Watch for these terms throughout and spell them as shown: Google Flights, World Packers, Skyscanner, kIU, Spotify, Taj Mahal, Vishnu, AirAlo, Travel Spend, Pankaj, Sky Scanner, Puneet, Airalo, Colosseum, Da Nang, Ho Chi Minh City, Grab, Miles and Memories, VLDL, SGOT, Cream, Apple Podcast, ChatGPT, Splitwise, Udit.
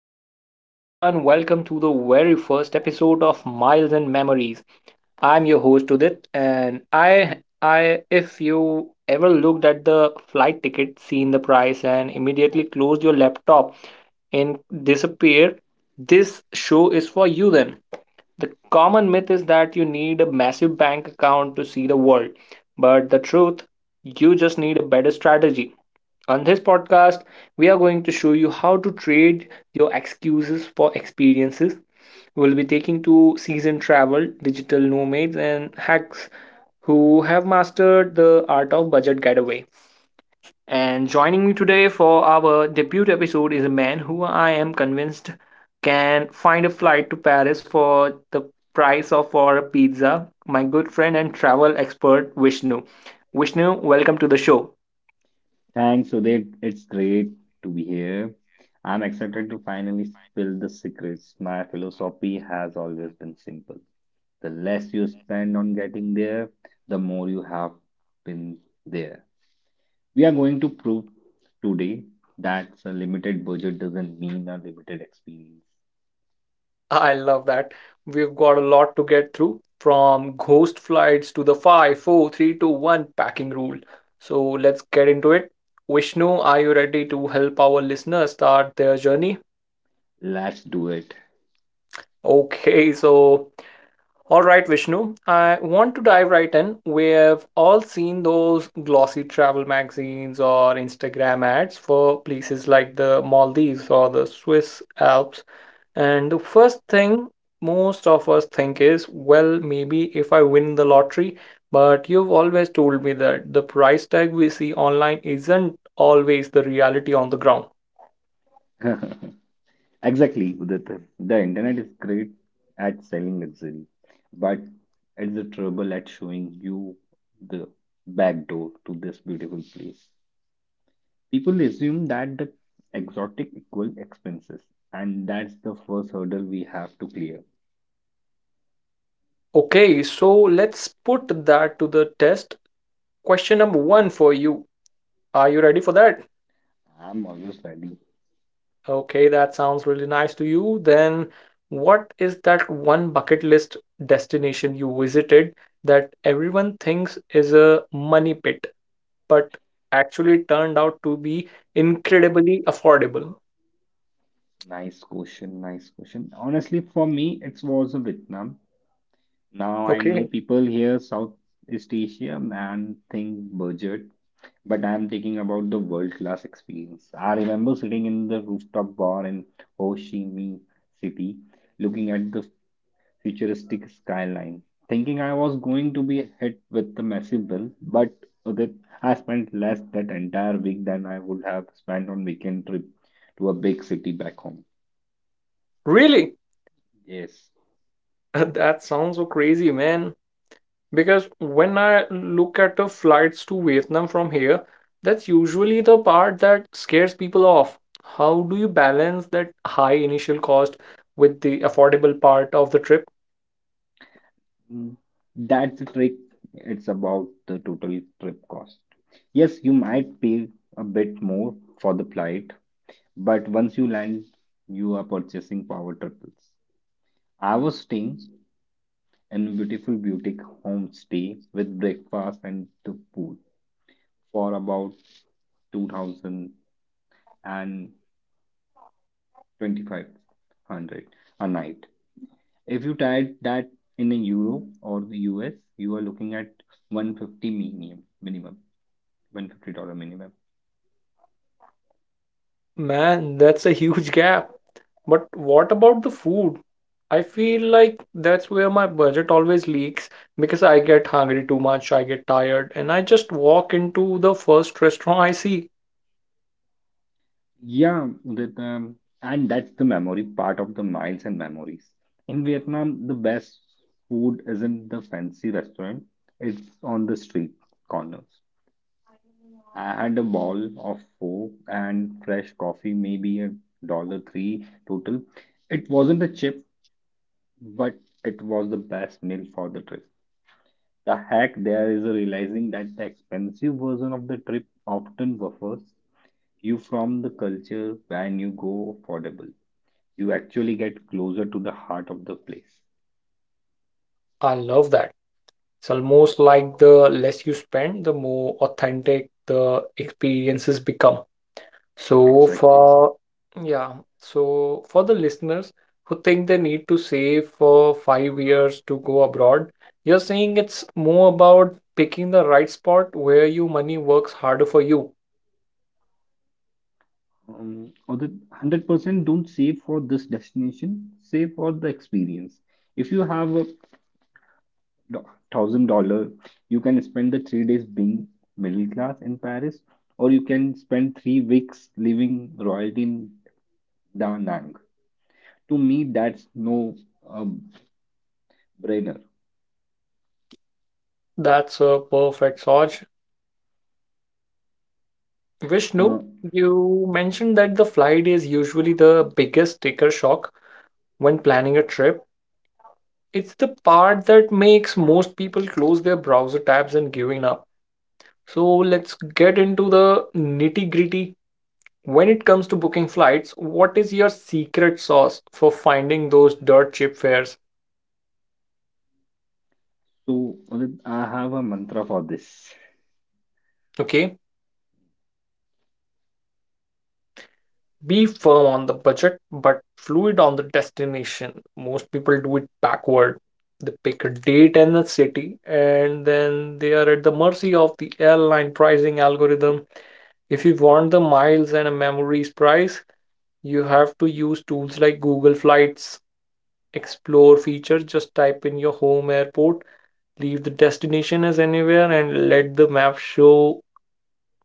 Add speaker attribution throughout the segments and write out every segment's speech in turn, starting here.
Speaker 1: what's up, everyone? Welcome to the very first episode of Miles and Memories. I'm your host Udit, and if you ever looked at the flight ticket, seen the price, and immediately closed your laptop and disappeared, this show is for you. Then the common myth is that you need a massive bank account to see the world, but the truth, you just need a better strategy. On this podcast, we are going to show you how to trade your excuses for experiences. We'll be taking to seasoned travel, digital nomads, and hacks who have mastered the art of budget getaway. And joining me today for our debut episode is a man who I am convinced can find a flight to Paris for the price of for a pizza. My good friend and travel expert Vishnu. Vishnu, welcome to the show.
Speaker 2: Thanks, Udit. It's great to be here. I'm excited to finally spill the secrets. My philosophy has always been simple. The less you spend on getting there, the more you have been there. We are going to prove today that a limited budget doesn't mean a limited experience.
Speaker 1: I love that. We've got a lot to get through from ghost flights to the five, four, three, two, one packing rule. So let's get into it. Vishnu, are you ready to help our listeners start their journey?
Speaker 2: Let's do it.
Speaker 1: Okay, so all right, Vishnu, I want to dive right in. We have all seen those glossy travel magazines or Instagram ads for places like the Maldives or the Swiss Alps. And the first thing most of us think is, well, maybe if I win the lottery, but you've always told me that the price tag we see online isn't always the reality on the ground.
Speaker 2: Exactly, Udit. The internet is great at selling luxury, but it's the trouble at showing you the back door to this beautiful place. People assume that the exotic equal expenses, and that's the first hurdle we have to clear.
Speaker 1: Okay, so let's put that to the test. Question number one for you. Are you ready for that?
Speaker 2: I'm always ready.
Speaker 1: Okay, that sounds really nice to you. Then, what is that one bucket list destination you visited that everyone thinks is a money pit, but actually turned out to be incredibly affordable?
Speaker 2: Nice question, nice question. Honestly, for me, it was a Vietnam. Now I know
Speaker 1: Okay,
Speaker 2: people here, Southeast Asia, and think budget, but I'm thinking about the world-class experience. I remember sitting in the rooftop bar in Ho Chi Minh City, looking at the futuristic skyline, thinking I was going to be hit with a massive bill, but that I spent less that entire week than I would have spent on weekend trip to a big city back home.
Speaker 1: really?
Speaker 2: Yes,
Speaker 1: That sounds so crazy, man. Because when I look at the flights to Vietnam from here, that's usually the part that scares people off. How do you balance that high initial cost with the affordable part of the trip?
Speaker 2: mm, that's the trick. It's about the total trip cost. Yes, you might pay a bit more for the flight. But once you land, you are purchasing power triples. I was staying in a beautiful boutique homestay with breakfast and the pool for about two thousand and twenty-five hundred a night. If you tried that in a euro or the US, you are looking at 150 minimum, minimum, $150 minimum.
Speaker 1: Man, that's a huge gap. But what about the food? I feel like that's where my budget always leaks because I get hungry too much, I get tired, and I just walk into the first restaurant I see.
Speaker 2: Yeah, Vietnam, and that's the memory part of the miles and memories. In Vietnam, the best food isn't the fancy restaurant, it's on the street corners. I had a bowl of pho and fresh coffee, maybe a dollar three total. It wasn't a chip, but it was the best meal for the trip. The hack there is realizing that the expensive version of the trip often buffers you from the culture when you go affordable. You actually get closer to the heart of the place.
Speaker 1: I love that. It's almost like the less you spend, the more authentic the experiences become. So
Speaker 2: Exactly.
Speaker 1: for Yeah, so for the listeners who think they need to save for 5 years to go abroad, you're saying it's more about picking the right spot where your money works harder for you.
Speaker 2: Or the 100% don't save for this destination, save for the experience. If you have $1,000, you can spend the 3 days being middle class in Paris, or you can spend 3 weeks living royalty in Da Nang. To me, that's no um, brainer.
Speaker 1: That's a perfect Saj. Vishnu,
Speaker 2: Uh,
Speaker 1: you mentioned that the flight is usually the biggest sticker shock when planning a trip. It's the part that makes most people close their browser tabs and giving up. So let's get into the nitty-gritty. When it comes to booking flights, what is your secret sauce for finding those dirt cheap fares?
Speaker 2: so Udit, I have a mantra for this.
Speaker 1: Okay, be firm on the budget but fluid on the destination. Most people do it backward. They pick a date and a city, and then they are at the mercy of the airline pricing algorithm. If you want the miles and a memories price, you have to use tools like Google Flights. Explore features, just type in your home airport. Leave the destination as anywhere and let the map show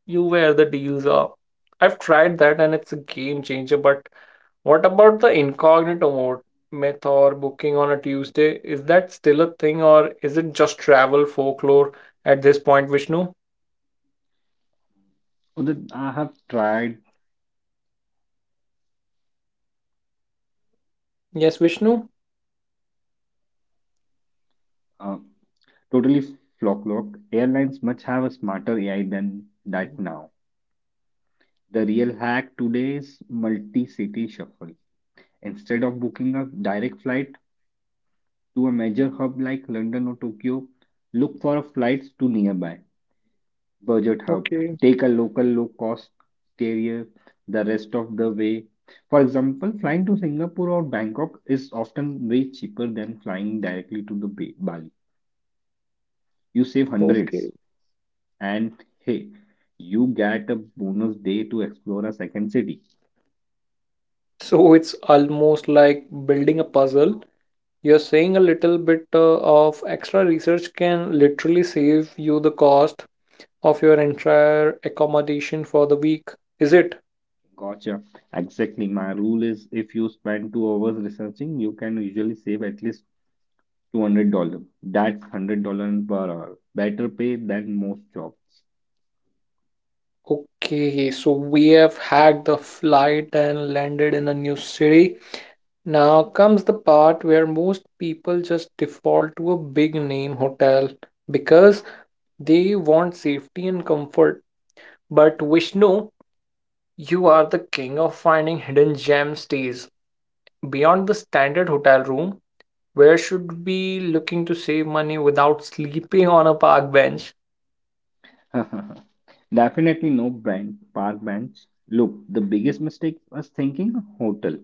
Speaker 1: you where the deals are. I've tried that and it's a game changer, but what about the incognito mode myth or booking on a Tuesday? Is that still a thing or is it just travel folklore at this point, Vishnu?
Speaker 2: Udit, I have tried
Speaker 1: Yes, Vishnu.
Speaker 2: uh, totally flop-locked. Airlines must have a smarter AI than that now. The real hack today is multi-city shuffle. Instead of booking a direct flight to a major hub like London or Tokyo, look for flights to nearby budget hub.
Speaker 1: Okay,
Speaker 2: Take a local low-cost carrier the rest of the way. For example, flying to Singapore or Bangkok is often way cheaper than flying directly to the Bali. You save
Speaker 1: okay.
Speaker 2: hundreds. And hey, you get a bonus day to explore a second city.
Speaker 1: So it's almost like building a puzzle. You're saying a little bit of extra research can literally save you the cost of your entire accommodation for the week, is it?
Speaker 2: Gotcha. Exactly. My rule is if you spend 2 hours researching, you can usually save at least $200. That's $100 per hour. Better pay than most jobs.
Speaker 1: Okay, so we have had the flight and landed in a new city. Now comes the part where most people just default to a big name hotel because they want safety and comfort. But Vishnu, you are the king of finding hidden gem stays. Beyond the standard hotel room, where should we be looking to save money without sleeping on a park bench?
Speaker 2: Definitely no brand, park bench. Look, the biggest mistake was thinking a hotel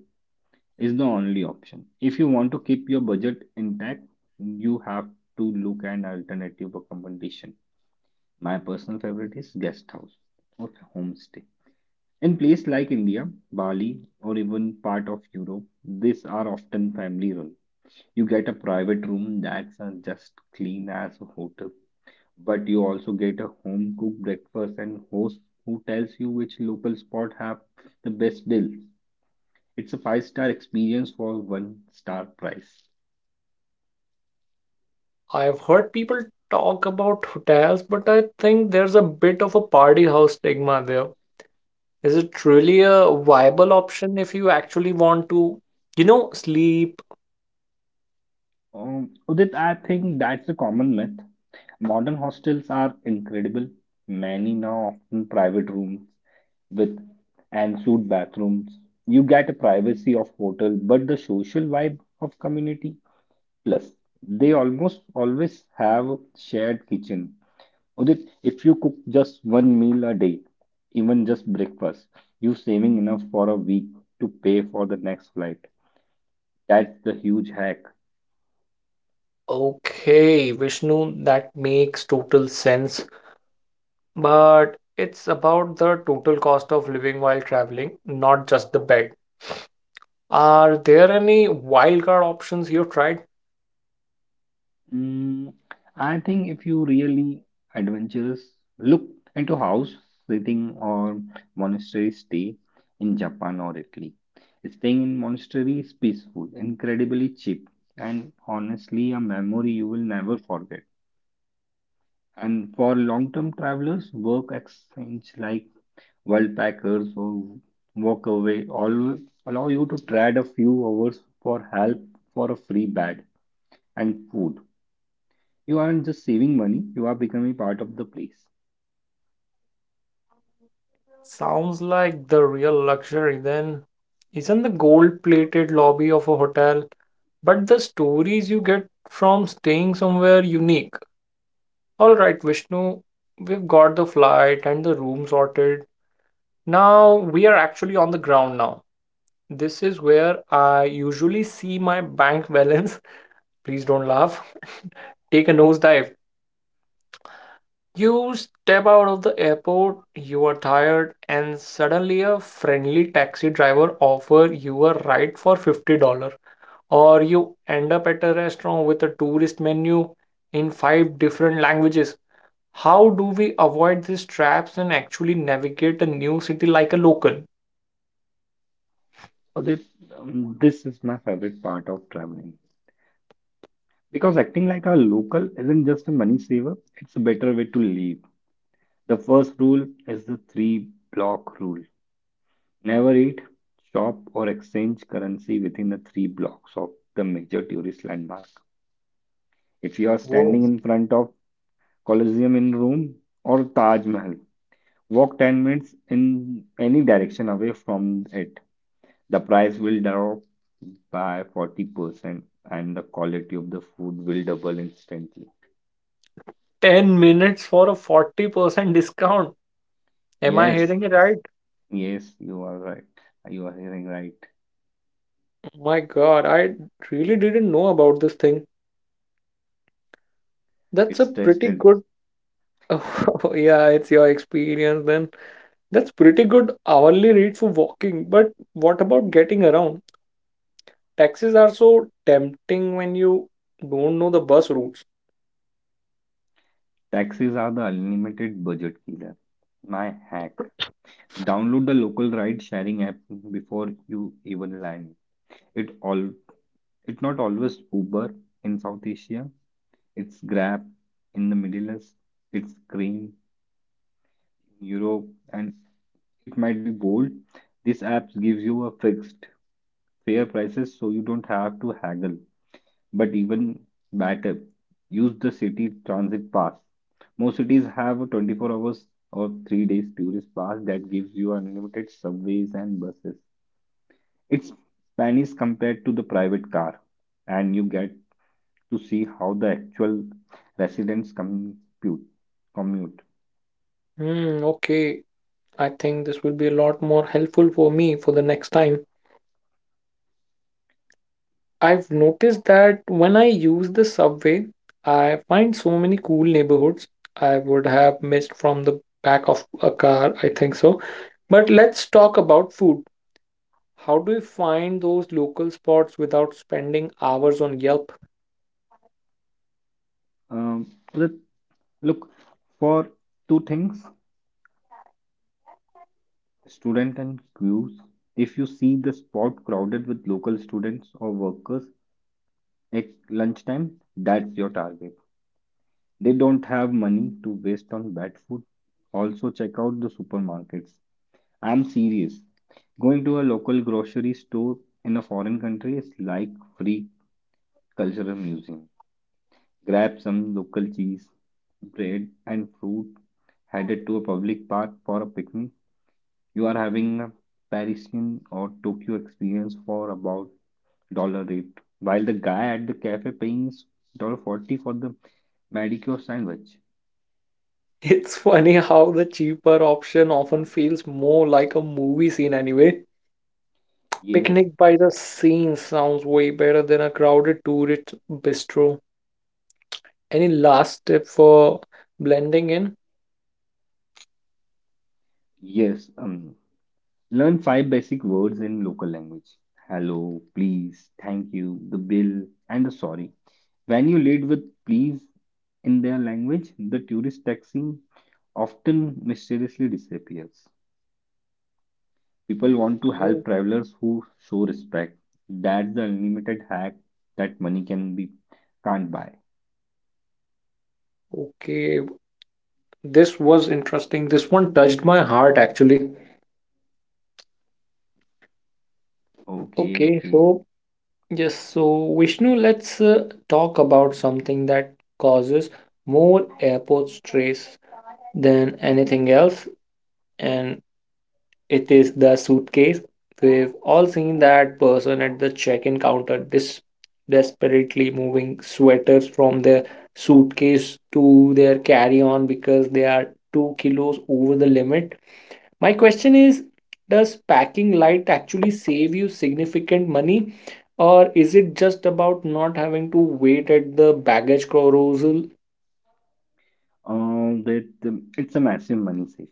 Speaker 2: is the only option. If you want to keep your budget intact, you have to look at alternative accommodation. My personal favorite is guest house or homestay. In places like India, Bali, or even part of Europe, these are often family run. You get a private room that's just clean as a hotel, but you also get a home cooked breakfast and host who tells you which local spot have the best deals. It's a five-star experience for one star price.
Speaker 1: I've heard people talk about hotels, but I think there's a bit of a party house stigma there. Is it really a viable option if you actually want to, you know, sleep?
Speaker 2: Udit, I think that's a common myth. Modern hostels are incredible. Many now often private rooms with ensuite bathrooms. You get a privacy of hotel, but the social vibe of community. Plus, they almost always have shared kitchen. Udit, if you cook just one meal a day, even just breakfast, you're saving enough for a week to pay for the next flight. That's the huge hack.
Speaker 1: Okay, Vishnu, that makes total sense. But it's about the total cost of living while traveling, not just the bed. Are there any wildcard options you've tried?
Speaker 2: Mm, I think if you really adventurous, look into house sitting or monastery stay in Japan or Italy. Staying in monastery is peaceful, incredibly cheap, and honestly a memory you will never forget. And for long-term travelers, work exchange like world packers or walk away always allow you to trade a few hours for help for a free bed and food. You aren't just saving money, you are becoming part of the place.
Speaker 1: Sounds like the real luxury then isn't the gold-plated lobby of a hotel, but the stories you get from staying somewhere unique. All right, Vishnu, we've got the flight and the room sorted. Now we are actually on the ground now. This is where I usually see my bank balance. Please don't laugh. Take a nosedive. You step out of the airport, you are tired, and suddenly a friendly taxi driver offers you a ride for $50. Or you end up at a restaurant with a tourist menu in five different languages. How do we avoid these traps and actually navigate a new city like a local?
Speaker 2: So this is my favorite part of traveling. Because acting like a local isn't just a money saver, it's a better way to live. The first rule is the three block rule. Never eat, shop, or exchange currency within the three blocks of the major tourist landmark. If you are
Speaker 1: Whoa.
Speaker 2: standing in front of Colosseum in Rome or Taj Mahal, walk 10 minutes in any direction away from it. The price will drop by 40% and the quality of the food will double instantly.
Speaker 1: 10 minutes for a 40% discount. Am I
Speaker 2: Yes,
Speaker 1: hearing it right?
Speaker 2: yes, you are right. You are hearing right.
Speaker 1: My God, I really didn't know about this thing. That's a
Speaker 2: It's
Speaker 1: pretty
Speaker 2: tested.
Speaker 1: good... Oh, yeah, it's your experience then. That's pretty good hourly rate for walking. But what about getting around? Taxis are so tempting when you don't know the bus routes.
Speaker 2: Taxis are the unlimited budget killer. My hack. Download the local ride sharing app before you even land. It all it's not always Uber in South Asia. It's Grab in the Middle East. It's Cream in Europe and it might be bold. This app gives you a fixed, fair prices so you don't have to haggle. But even better, use the city transit pass. Most cities have a 24 hours or 3 days tourist pass that gives you unlimited subways and buses. It's pennies compared to the private car, and you get to see how the actual residents compute commute.
Speaker 1: Hmm, okay. I think this will be a lot more helpful for me for the next time. I've noticed that when I use the subway, I find so many cool neighborhoods I would have missed from the back of a car, I think so. But let's talk about food. How do you find those local spots without spending hours on Yelp?
Speaker 2: Um, Look for two things. Student and queues. If you see the spot crowded with local students or workers at lunchtime, that's your target. They don't have money to waste on bad food. Also, check out the supermarkets. I'm serious. Going to a local grocery store in a foreign country is like free cultural museum. Grab some local cheese, bread, and fruit. Headed to a public park for a picnic. You are having a Parisian or Tokyo experience for about dollar rate, while the guy at the cafe paying dollar 40 for the manicure sandwich.
Speaker 1: It's funny how the cheaper option often feels more like a movie scene anyway.
Speaker 2: Yes,
Speaker 1: Picnic by the scene sounds way better than a crowded tourist bistro. Any last tip for blending in?
Speaker 2: yes. Learn five basic words in local language. Hello, please, thank you, the bill, and the sorry. When you lead with please in their language, the tourist taxi often mysteriously disappears. People want to
Speaker 1: Well,
Speaker 2: help travelers who show respect. That's the unlimited hack that money can't buy.
Speaker 1: okay, this was interesting. This one touched my heart actually.
Speaker 2: Okay,
Speaker 1: Okay,
Speaker 2: okay.
Speaker 1: so Yes, so Vishnu, let's talk about something that causes more airport stress than anything else, and it is the suitcase. We've all seen that person at the check-in counter, dis desperately moving sweaters from their suitcase to their carry-on because they are 2 kilos over the limit. My question is, does packing light actually save you significant money, or is it just about not having to wait at the baggage carousel?
Speaker 2: That it's a massive money save.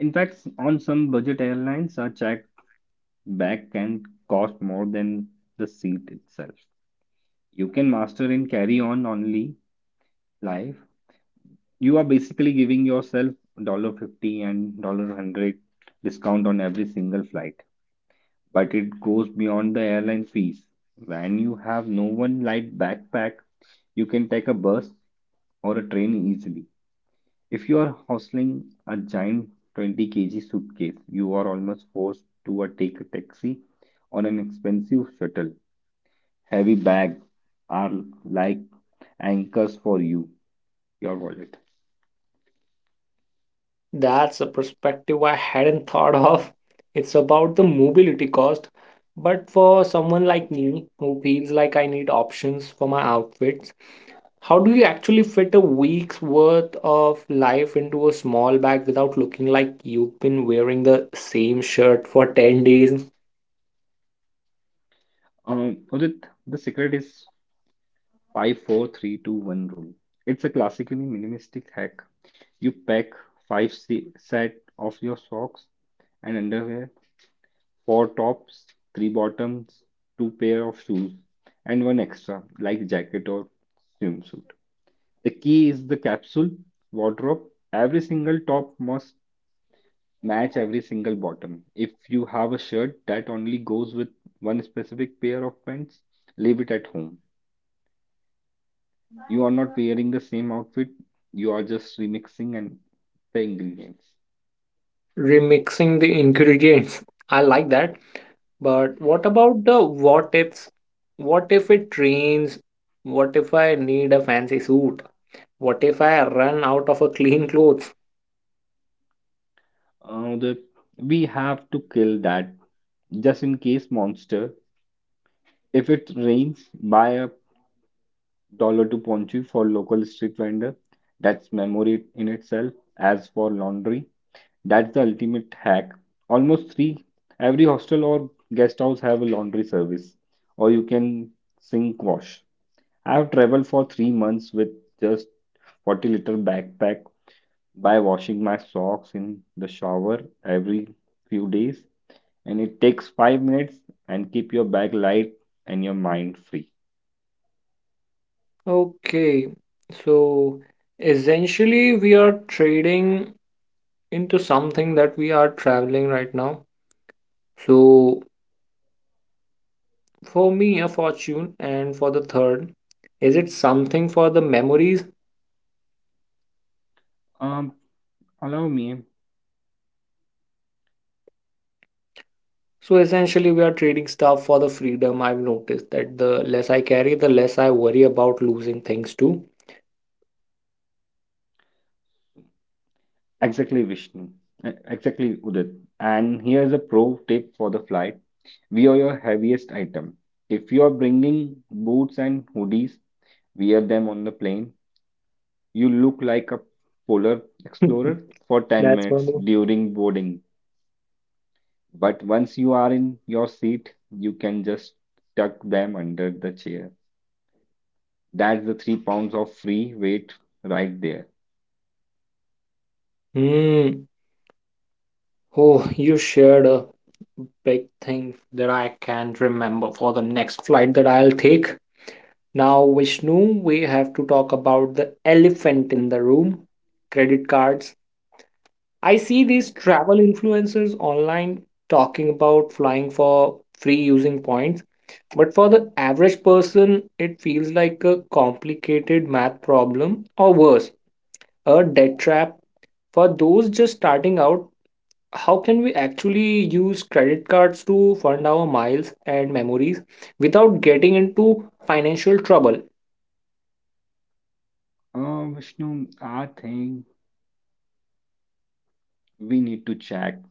Speaker 2: In fact, on some budget airlines, a check bag can cost more than the seat itself. You can master in carry-on only life. You are basically giving yourself dollar 50 and dollar hundred discount on every single flight, but it goes beyond the airline fees. When you have no one light backpack, you can take a bus or a train easily. If you are hustling a giant 20 kg suitcase, you are almost forced to take a taxi or an expensive shuttle. Heavy bags are like anchors for you, your wallet.
Speaker 1: That's a perspective I hadn't thought of. It's about the mobility cost, but for someone like me who feels like I need options for my outfits, how do you actually fit a week's worth of life into a small bag without looking like you've been wearing the same shirt for 10 days?
Speaker 2: Udit, the secret is five, four, three, two, one rule. It's a classically minimalistic hack. You pack set of your socks and underwear, 4 tops, 3 bottoms, 2 pair of shoes, and one extra like jacket or swimsuit. The key is the capsule wardrobe. Every single top must match every single bottom. If you have a shirt that only goes with one specific pair of pants, leave it at home. You are not wearing the same outfit, you are just remixing and the ingredients.
Speaker 1: Remixing the ingredients. I like that. But what about the what ifs? What if it rains? What if I need a fancy suit? What if I run out of a clean clothes?
Speaker 2: Uh, the, we have to kill that just in case monster. If it rains, buy a dollar to ponchu for local street vendor. That's memory in itself. As for laundry, that's the ultimate hack. Almost three every hostel or guest house have a laundry service, or you can sink wash. I've traveled for 3 months with just 40-liter backpack by washing my socks in the shower every few days, and it takes 5 minutes and keep your bag light and your mind free.
Speaker 1: Okay, so essentially we are trading into something that we are traveling right now. So for me, a fortune, and for the third, is it something for the memories?
Speaker 2: Um allow me
Speaker 1: So essentially, we are trading stuff for the freedom. I've noticed that the less I carry, the less I worry about losing things too.
Speaker 2: Exactly, exactly, Udit. And here's a pro tip for the flight. Wear your heaviest item. If you are bringing boots and hoodies, wear them on the plane. You look like a polar explorer for 10
Speaker 1: That's funny.
Speaker 2: minutes during boarding. But once you are in your seat, you can just tuck them under the chair. That's the 3 pounds of free weight right there.
Speaker 1: Hmm. Oh, you shared a big thing that I can not remember for the next flight that I'll take. Now, Vishnu, we have to talk about the elephant in the room, credit cards. I see these travel influencers online talking about flying for free using points, but for the average person, it feels like a complicated math problem or worse, a debt trap. For those just starting out, how can we actually use credit cards to fund our miles and memories without getting into financial trouble?
Speaker 2: Vishnu, I think we need to check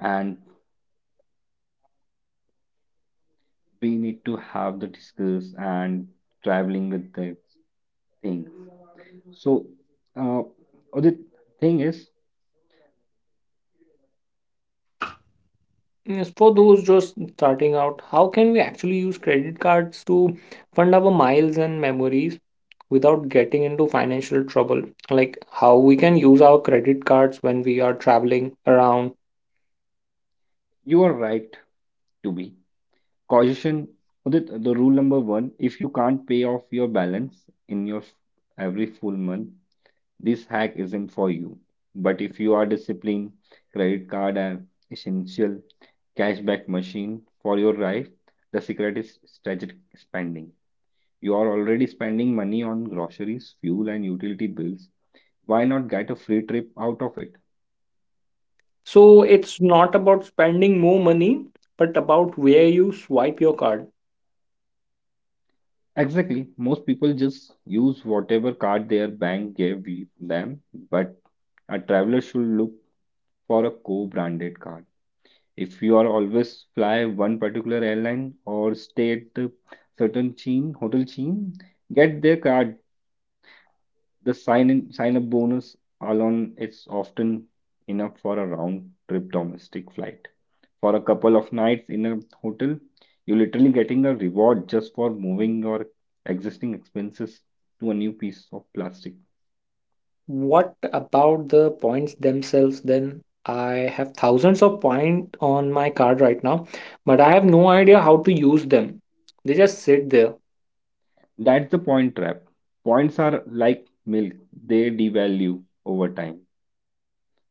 Speaker 2: and we need to have the discuss and traveling with the things. So, uh, Udit, thing is,
Speaker 1: Yes, for those just starting out, how can we actually use credit cards to fund our miles and memories without getting into financial trouble? Like how we can use our credit cards when we are traveling around.
Speaker 2: you are right to be caution. Udit, the rule number one: if you can't pay off your balance in your every full month, this hack isn't for you, but if you are disciplined, credit card an essential cashback machine for your life, the secret is strategic spending. You are already spending money on groceries, fuel, and utility bills. Why not get a free trip out of it?
Speaker 1: So it's not about spending more money, but about where you swipe your card.
Speaker 2: Exactly. Most people just use whatever card their bank gave them, but a traveler should look for a co-branded card. If you are always fly one particular airline or stay at a certain chain, hotel chain, get their card. The sign up bonus alone is often enough for a round trip domestic flight. For a couple of nights in a hotel, you're literally getting a reward just for moving your existing expenses to a new piece of plastic.
Speaker 1: What about the points themselves then? I have thousands of points on my card right now, but I have no idea how to use them. They just sit there.
Speaker 2: That's the point trap. Points are like milk, they devalue over time.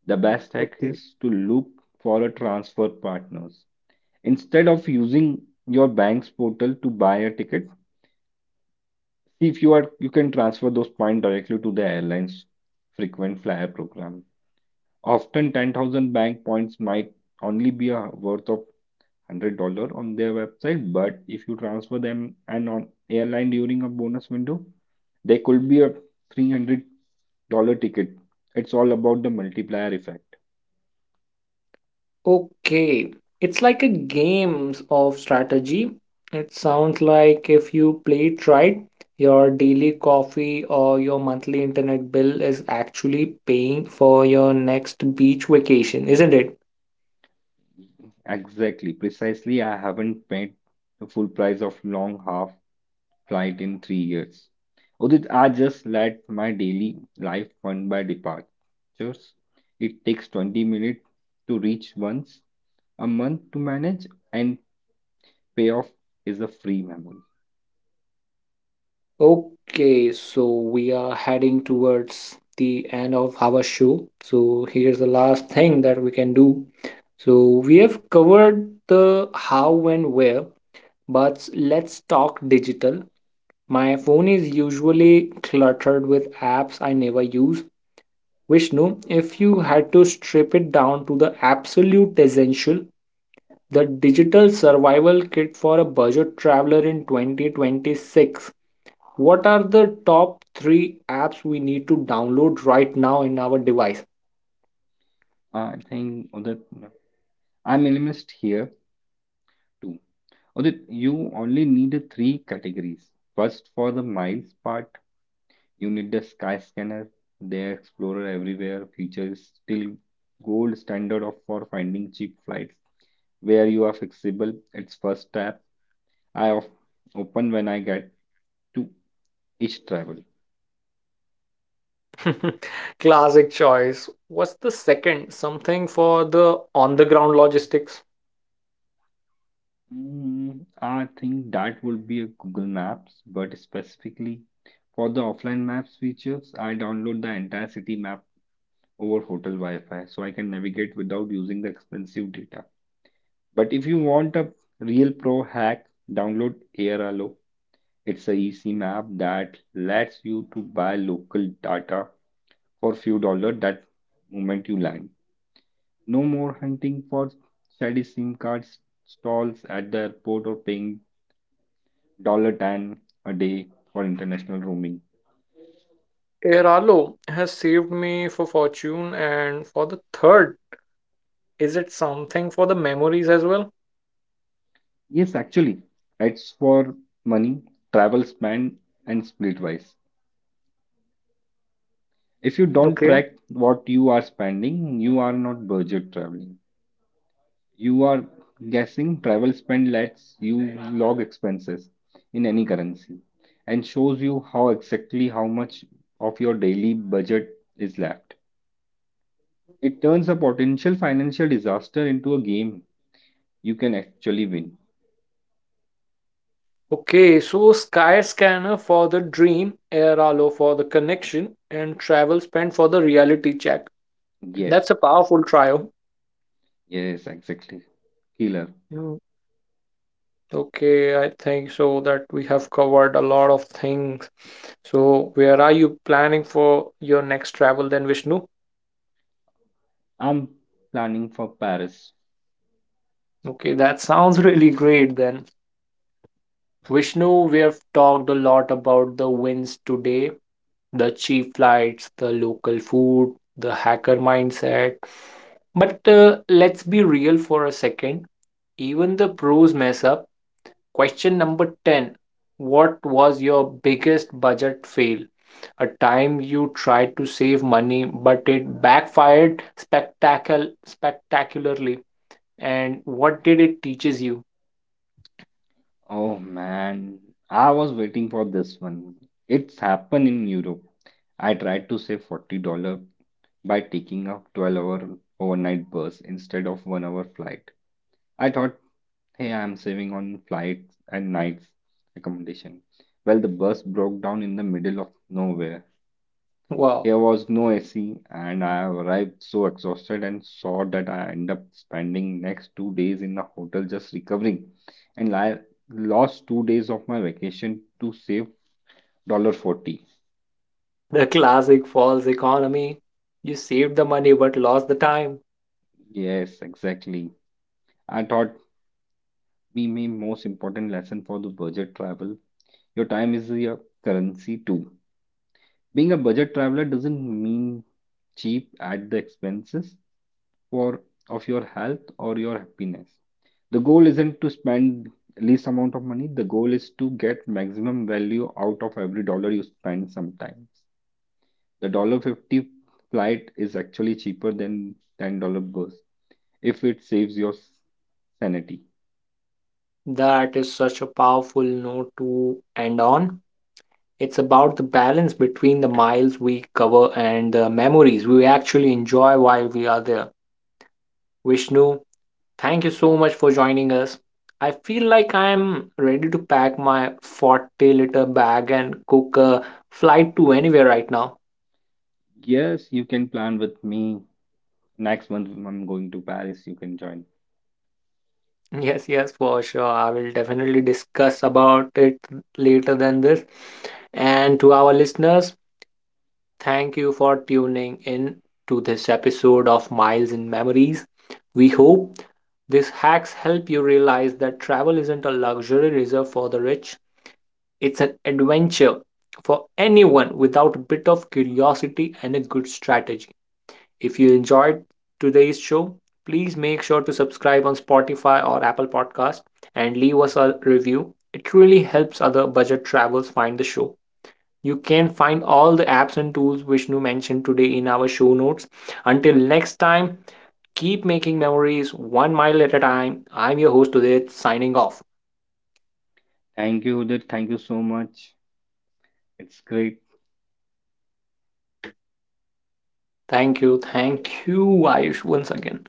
Speaker 2: The best hack is to look for a transfer partners. Instead of using your bank's portal to buy a ticket, see if you can transfer those points directly to the airline's frequent flyer program. Often 10,000 bank points might only be a worth of $100 on their website, but if you transfer them and on airline during a bonus window, they could be a $300 ticket. It's all about the multiplier effect.
Speaker 1: Okay, it's like a game of strategy. It sounds like if you play it right, your daily coffee or your monthly internet bill is actually paying for your next beach vacation, isn't it?
Speaker 2: Exactly, precisely. I haven't paid the full price of long half flight in 3 years. Udit, I just let my daily life run by departures. It takes 20 minutes to reach once a month to manage, and payoff is a free memory.
Speaker 1: Okay, so we are heading towards the end of our show. So here's the last thing that we can do. So we have covered the how and where, but let's talk digital. My phone is usually cluttered with apps I never use. Vishnu, if you had to strip it down to the absolute essential, the digital survival kit for a budget traveler in 2026, what are the top three apps we need to download right now in our device?
Speaker 2: I think Udit, I'm minimalist here too. Udit, you only need a three categories. First, for the miles part, you need the sky scanner, the Explorer Everywhere feature is still gold standard of for finding cheap flights where you are flexible. It's first tab I open when I get to each travel.
Speaker 1: Classic choice. What's the second? Something for the on the ground logistics.
Speaker 2: I think that would be a Google Maps, but specifically for the offline maps features, I download the entire city map over hotel Wi-Fi so I can navigate without using the expensive data. But if you want a real pro hack, download AirAlo. It's a easy map that lets you to buy local data for few dollars that moment you land. No more hunting for shady SIM card stalls at the airport or paying dollar ten a day for international roaming.
Speaker 1: Airalo has saved me for fortune, and for the third, is it something for the memories as well?
Speaker 2: Yes, actually, it's for money, travel spend, and split wise. If you don't
Speaker 1: Okay.
Speaker 2: track what you are spending, you are not budget traveling. You are guessing travel spend lets you log expenses in any currency and shows you how exactly how much of your daily budget is left. It turns a potential financial disaster into a game you can actually win.
Speaker 1: Okay, so Sky Scanner for the dream, Airalo for the connection, and Travel Spend for the reality check. That's
Speaker 2: Yes,
Speaker 1: a powerful trio.
Speaker 2: yes, exactly. Killer.
Speaker 1: Mm, okay, I think so that we have covered a lot of things. So, where are you planning for your next travel then, Vishnu?
Speaker 2: I'm planning for Paris.
Speaker 1: Okay, that sounds really great then. Vishnu, we have talked a lot about the wins today, the cheap flights, the local food, the hacker mindset. But let's be real for a second. Even the pros mess up. Question number 10. What was your biggest budget fail? A time you tried to save money, but it backfired spectacularly. And what did it teaches you?
Speaker 2: Oh man, I was waiting for this one. It's happened in Europe. I tried to save $40 by taking a 12-hour overnight bus instead of 1 hour flight. I thought, hey, I'm saving on flights and nights accommodation. Well, the bus broke down in the middle of nowhere.
Speaker 1: Wow,
Speaker 2: There was no AC, and I arrived so exhausted and saw that I end up spending next 2 days in the hotel just recovering, and I lost 2 days of my vacation to save $1.40.
Speaker 1: the classic false economy. You saved the money but lost the time.
Speaker 2: Yes, exactly. I thought we may most important lesson for the budget travel. Your time is your currency too. Being a budget traveler doesn't mean cheap at the expenses for of your health or your happiness. The goal isn't to spend least amount of money. The goal is to get maximum value out of every dollar you spend sometimes. The dollar fifty flight is actually cheaper than $10 bus if it saves your sanity.
Speaker 1: That is such a powerful note to end on. It's about the balance between the miles we cover and the memories we actually enjoy while we are there. Vishnu, thank you so much for joining us. I feel like I'm ready to pack my 40-liter bag and cook a flight to anywhere right now.
Speaker 2: Yes, you can plan with me. Next month I'm going to Paris. You can join.
Speaker 1: Yes, yes, for sure. I will definitely discuss about it later than this. And to our listeners, thank you for tuning in to this episode of Miles in Memories. We hope these hacks help you realize that travel isn't a luxury reserved for the rich, it's an adventure for anyone without a bit of curiosity and a good strategy. If you enjoyed today's show, please make sure to subscribe on Spotify or Apple Podcast and leave us a review. It really helps other budget travelers find the show. You can find all the apps and tools Vishnu mentioned today in our show notes. Until next time, keep making memories one mile at a time. I'm your host today, signing off.
Speaker 2: Thank you, Udit. Thank you so much. It's great.
Speaker 1: Thank you, Ayush, once again.